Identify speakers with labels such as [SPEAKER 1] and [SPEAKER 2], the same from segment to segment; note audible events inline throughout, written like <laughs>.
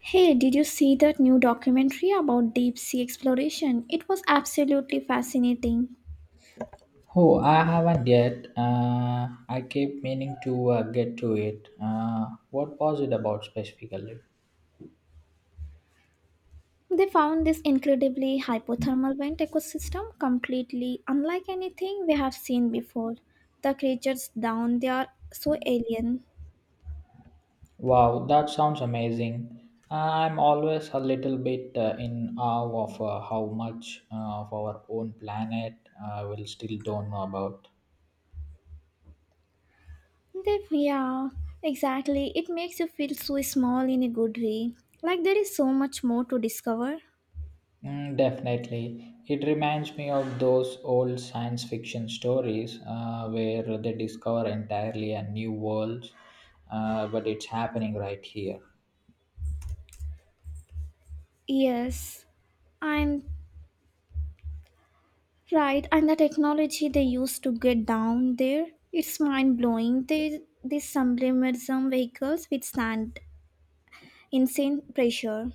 [SPEAKER 1] Hey, did you see that new documentary about deep sea exploration? It was absolutely fascinating.
[SPEAKER 2] Oh, I haven't yet. I keep meaning to get to it. What was it about specifically?
[SPEAKER 1] They found this incredibly hypothermal vent ecosystem completely unlike anything we have seen before. The creatures down there are so alien.
[SPEAKER 2] Wow, that sounds amazing. I'm always a little bit in awe of how much of our own planet we still don't know about.
[SPEAKER 1] They, yeah, exactly. It makes you feel so small in a good way. Like there is so much more to discover.
[SPEAKER 2] Mm, definitely. It reminds me of those old science fiction stories where they discover entirely a new world, but it's happening right here.
[SPEAKER 1] Yes, and Right, and the technology they used to get down there, it's mind blowing. They These sublimism vehicles withstand insane pressure.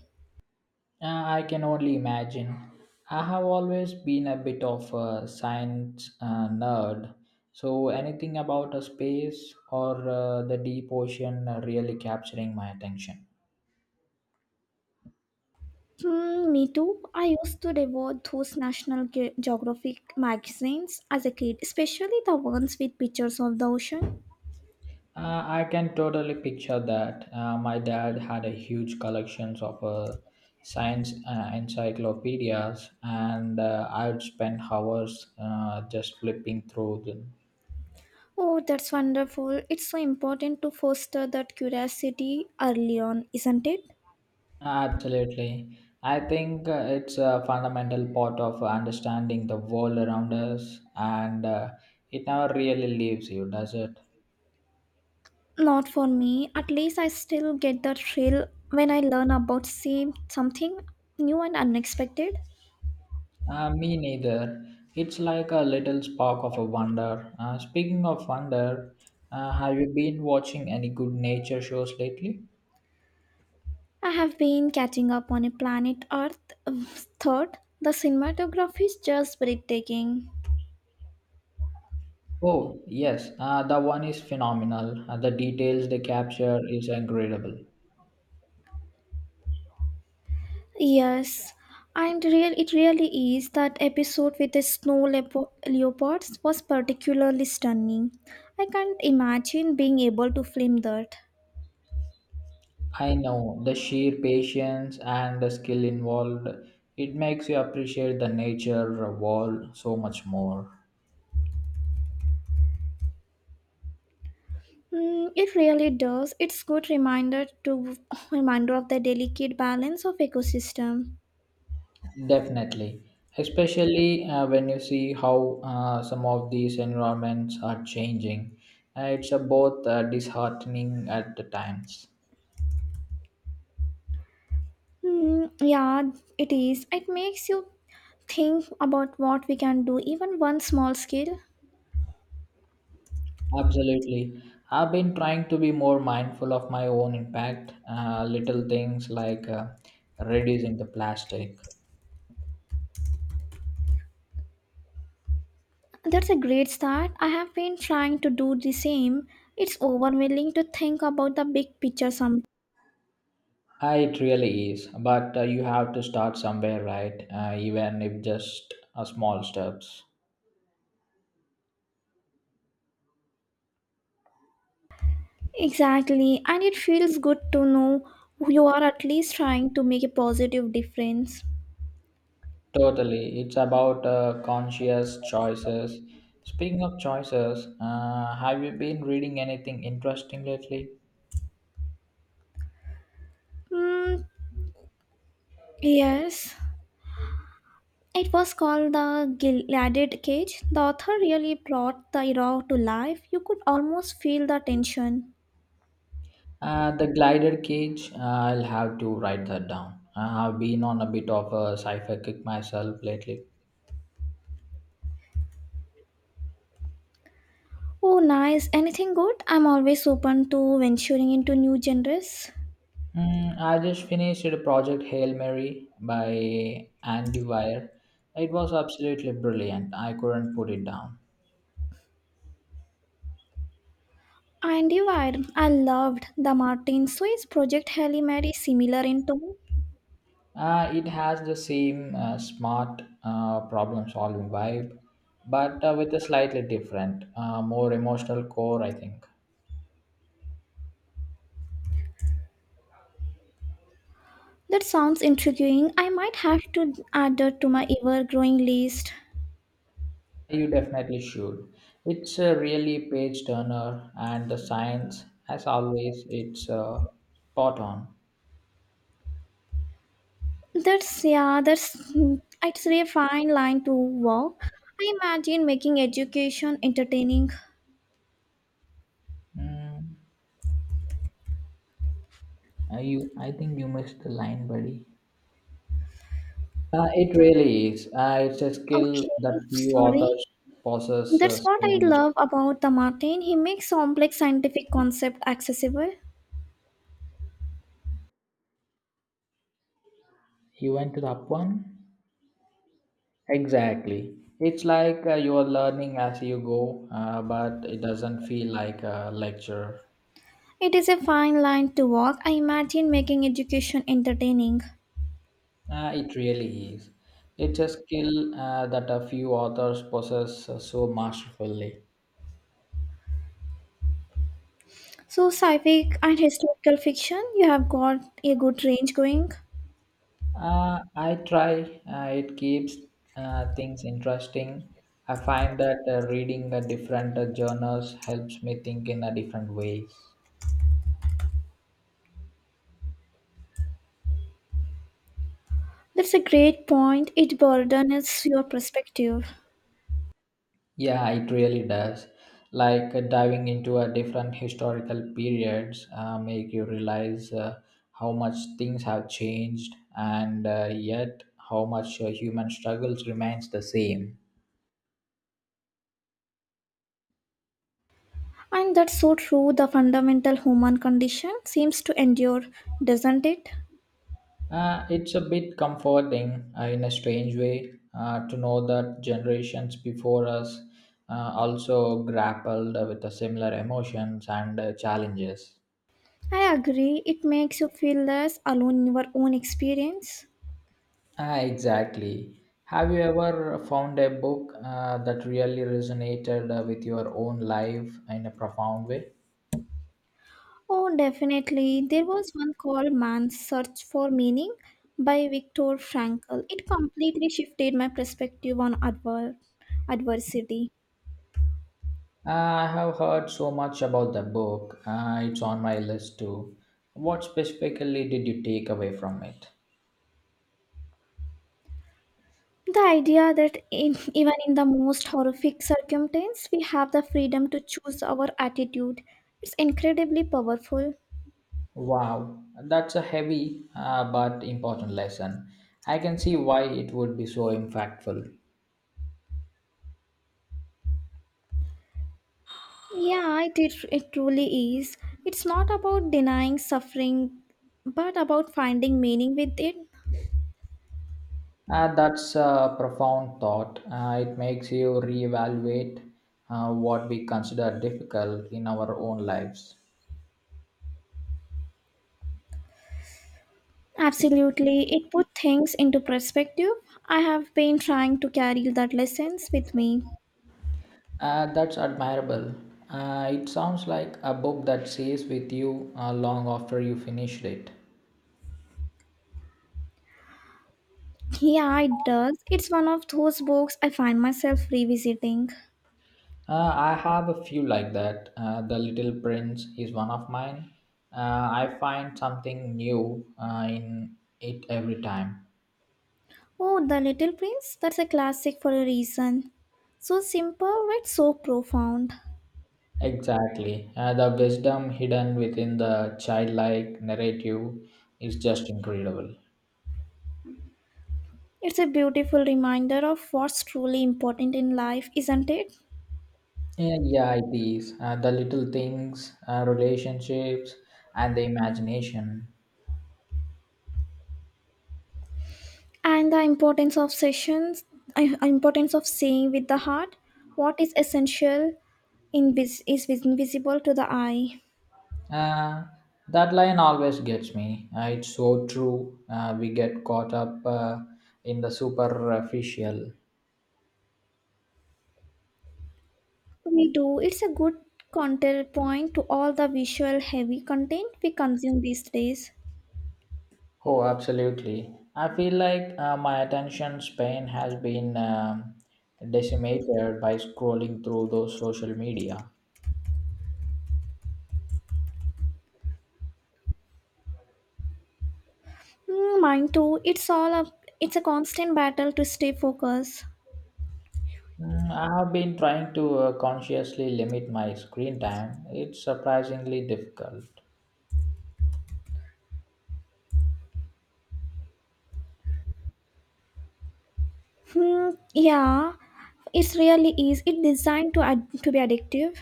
[SPEAKER 2] I can only imagine. I have always been a bit of a science nerd, so anything about a space or the deep ocean really capturing my attention.
[SPEAKER 1] Hmm, me too. I used to devour those Geographic magazines as a kid, especially the ones with pictures of the ocean.
[SPEAKER 2] I can totally picture that. My dad had a huge collections of science encyclopedias, and I would spend hours just flipping through them.
[SPEAKER 1] Oh, that's wonderful. It's so important to foster that curiosity early on, isn't it?
[SPEAKER 2] Absolutely. I think it's a fundamental part of understanding the world around us, and it never really leaves you, does it?
[SPEAKER 1] Not for me. At least I still get the thrill when I learn about same something new and unexpected.
[SPEAKER 2] Me neither. It's like a little spark of a wonder. Speaking of wonder, have you been watching any good nature shows lately?
[SPEAKER 1] I have been catching up on a Planet Earth um, third. The cinematography is just breathtaking.
[SPEAKER 2] Oh, yes, the one is phenomenal. The details they capture is incredible.
[SPEAKER 1] Yes, and real It really is. That episode with the leopards was particularly stunning. I can't imagine being able to film that.
[SPEAKER 2] I know the sheer patience and the skill involved. It makes you appreciate the nature world so much more.
[SPEAKER 1] Mm, it really does. It's good reminder to <laughs> reminder of the delicate balance of ecosystem.
[SPEAKER 2] Definitely, especially when you see how some of these environments are changing. It's both disheartening at the times.
[SPEAKER 1] Mm, yeah, it is. It makes you think about what we can do, even one small scale.
[SPEAKER 2] Absolutely. I've been trying to be more mindful of my own impact, little things like reducing the plastic.
[SPEAKER 1] That's a great start. I have been trying to do the same. It's overwhelming to think about the big picture sometimes.
[SPEAKER 2] It really is, but you have to start somewhere, right? Even if just a small steps.
[SPEAKER 1] Exactly, and it feels good to know you are at least trying to make a positive difference.
[SPEAKER 2] Totally, it's about conscious choices. Speaking of choices, have you been reading anything interesting lately?
[SPEAKER 1] Mm, yes. It was called The Gilded Cage. The author really brought the era to life. You could almost feel the tension.
[SPEAKER 2] The glider cage. I'll have to write that down. I've been on a bit of a sci-fi kick myself lately.
[SPEAKER 1] Oh, nice. Anything good? I'm always open to venturing into new genres.
[SPEAKER 2] Mm, I just finished Project Hail Mary by Andy Weir. It was absolutely brilliant. I couldn't put it down.
[SPEAKER 1] And you are. I loved the Martin Swiss Project Halle Mary similar in tone.
[SPEAKER 2] It has the same smart problem solving vibe, but with a slightly different, more emotional core, I think.
[SPEAKER 1] That sounds intriguing. I might have to add it to my ever growing list.
[SPEAKER 2] You definitely should. It's a really page turner, and the science, as always, it's spot on.
[SPEAKER 1] That's, yeah, that's, it's a fine line to walk. I imagine making education entertaining.
[SPEAKER 2] Mm, you, I think you missed the line, buddy. It really is. It's a skill
[SPEAKER 1] Okay,
[SPEAKER 2] that few
[SPEAKER 1] sorry.
[SPEAKER 2] authors possess
[SPEAKER 1] That's
[SPEAKER 2] so
[SPEAKER 1] what I
[SPEAKER 2] much.
[SPEAKER 1] love about the Martin. He makes complex scientific concept accessible.
[SPEAKER 2] You went to the up one? Exactly. It's like you are learning as you go, but it doesn't feel like a lecture.
[SPEAKER 1] It is a fine line to walk. I imagine making education entertaining.
[SPEAKER 2] It really is. It's a skill that a few authors possess so masterfully.
[SPEAKER 1] So sci-fi and historical fiction, you have got a good range going.
[SPEAKER 2] I try. It keeps things interesting. I find that reading different journals helps me think in a different ways.
[SPEAKER 1] That's a great point. It broadens your perspective.
[SPEAKER 2] Yeah, it really does. Like diving into a different historical periods make you realize how much things have changed and yet how much human struggles remains the same.
[SPEAKER 1] And that's so true. The fundamental human condition seems to endure, doesn't it?
[SPEAKER 2] It's a bit comforting in a strange way to know that generations before us also grappled with the similar emotions and challenges.
[SPEAKER 1] I agree. It makes you feel less alone in your own experience.
[SPEAKER 2] Ah, exactly. Have you ever found a book that really resonated with your own life in a profound way?
[SPEAKER 1] Oh, definitely. There was one called Man's Search for Meaning by Viktor Frankl. It completely shifted my perspective on adversity.
[SPEAKER 2] Ah, I have heard so much about the book. It's on my list too. What specifically did you take away from it?
[SPEAKER 1] The idea that even in the most horrific circumstance, we have the freedom to choose our attitude. It's incredibly powerful.
[SPEAKER 2] Wow, that's a heavy but important lesson. I can see why it would be so impactful.
[SPEAKER 1] Yeah, it truly is. It's not about denying suffering, but about finding meaning with it.
[SPEAKER 2] That's a profound thought. It makes you reevaluate what we consider difficult in our own lives.
[SPEAKER 1] Absolutely. It put things into perspective. I have been trying to carry that lessons with me.
[SPEAKER 2] That's admirable. It sounds like a book that stays with you long after you finished it.
[SPEAKER 1] Yeah, it does. It's one of those books I find myself revisiting.
[SPEAKER 2] I have a few like that. The Little Prince is one of mine. I find something new in it every time.
[SPEAKER 1] Oh, The Little Prince, that's a classic for a reason. So simple but so profound.
[SPEAKER 2] Exactly. The wisdom hidden within the childlike narrative is just incredible.
[SPEAKER 1] It's a beautiful reminder of what's truly important in life, isn't it?
[SPEAKER 2] Yeah, yeah, it is. The little things, relationships, and the imagination.
[SPEAKER 1] And the importance of importance of seeing with the heart what is essential in vis- is invisible to the eye.
[SPEAKER 2] Uh, that line always gets me. It's so true. We get caught up in the superficial.
[SPEAKER 1] We do. It's a good counterpoint to all the visual heavy content we consume these days.
[SPEAKER 2] Oh, absolutely. I feel like my attention span has been decimated by scrolling through those social media.
[SPEAKER 1] Hmm, mine too. It's a constant battle to stay focused.
[SPEAKER 2] Mm, I have been trying to consciously limit my screen time. It's surprisingly difficult.
[SPEAKER 1] Hmm, yeah, it really is. It's designed to to be addictive.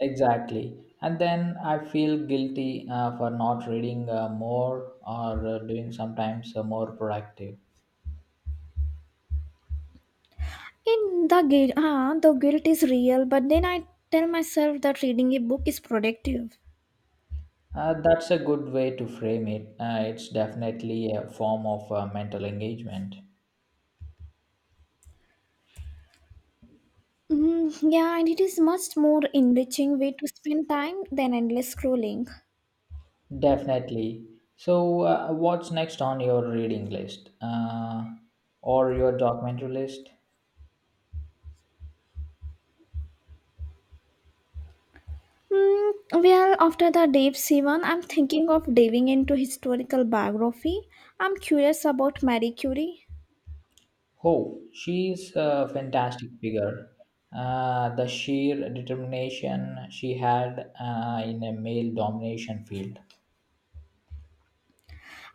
[SPEAKER 2] Exactly. And then I feel guilty for not reading more or doing sometimes more productive.
[SPEAKER 1] In the guilt, ah, the guilt is real, but then I tell myself that reading a book is productive.
[SPEAKER 2] That's a good way to frame it. It's definitely a form of mental engagement.
[SPEAKER 1] Mm, yeah, and it is much more enriching way to spend time than endless scrolling.
[SPEAKER 2] Definitely. So, what's next on your reading list or your documentary list?
[SPEAKER 1] Mm, well, after the Dave Sivan, I'm thinking of diving into historical biography. I'm curious about Marie Curie.
[SPEAKER 2] Oh, she's a fantastic figure. The sheer determination she had in a male domination field.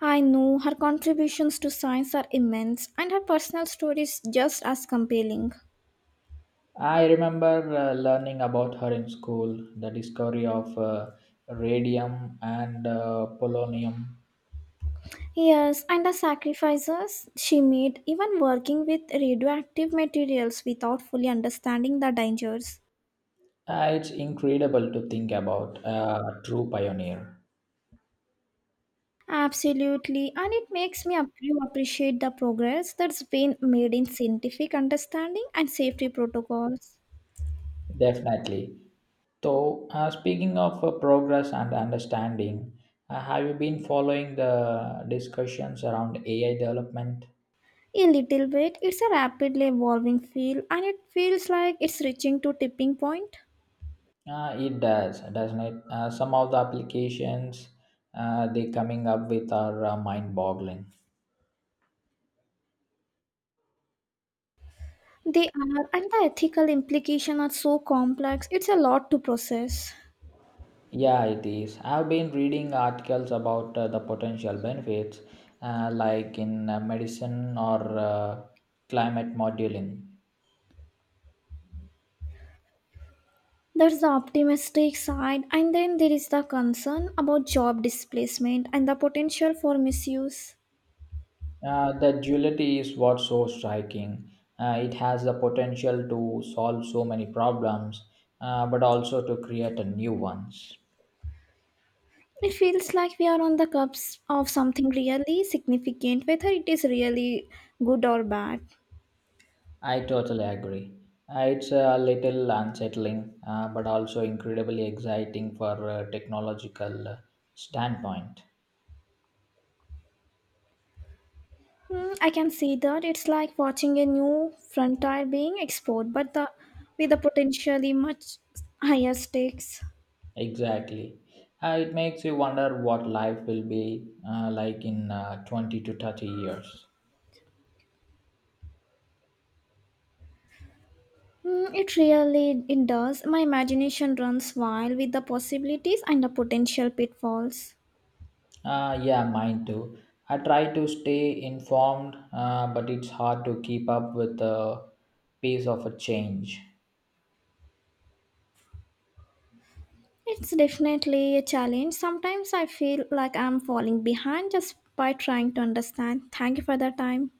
[SPEAKER 1] I know her contributions to science are immense, and her personal story is just as compelling.
[SPEAKER 2] I remember learning about her in school, the discovery of radium and polonium.
[SPEAKER 1] Yes, and the sacrifices she made, even working with radioactive materials without fully understanding the dangers.
[SPEAKER 2] It's incredible to think about a true pioneer.
[SPEAKER 1] Absolutely, and it makes me you appreciate the progress that's been made in scientific understanding and safety protocols.
[SPEAKER 2] Definitely. So, speaking of progress and understanding, have you been following the discussions around AI development?
[SPEAKER 1] A little bit, it's a rapidly evolving field, and it feels like it's reaching to tipping point.
[SPEAKER 2] It does, doesn't it? Some of the applications they coming up with are mind-boggling.
[SPEAKER 1] They are, and the ethical implications are so complex. It's a lot to process.
[SPEAKER 2] Yeah, it is. I've been reading articles about the potential benefits, like in medicine or climate modeling.
[SPEAKER 1] That's the optimistic side, and then there is the concern about job displacement and the potential for misuse.
[SPEAKER 2] The duality is what's so striking. It has the potential to solve so many problems, but also to create a new ones.
[SPEAKER 1] It feels like we are on the cusp of something really significant, whether it is really good or bad.
[SPEAKER 2] I totally agree. It's a little unsettling, but also incredibly exciting for a technological standpoint.
[SPEAKER 1] Hmm, I can see that. It's like watching a new frontier being explored, but with the potentially much higher stakes.
[SPEAKER 2] Exactly. It makes you wonder what life will be like in 20 to 30 years.
[SPEAKER 1] Mm, it really it does. My imagination runs wild with the possibilities and the potential pitfalls.
[SPEAKER 2] Yeah, mine too. I try to stay informed, but it's hard to keep up with the pace of a change.
[SPEAKER 1] It's definitely a challenge. Sometimes I feel like I'm falling behind just by trying to understand. Thank you for the time.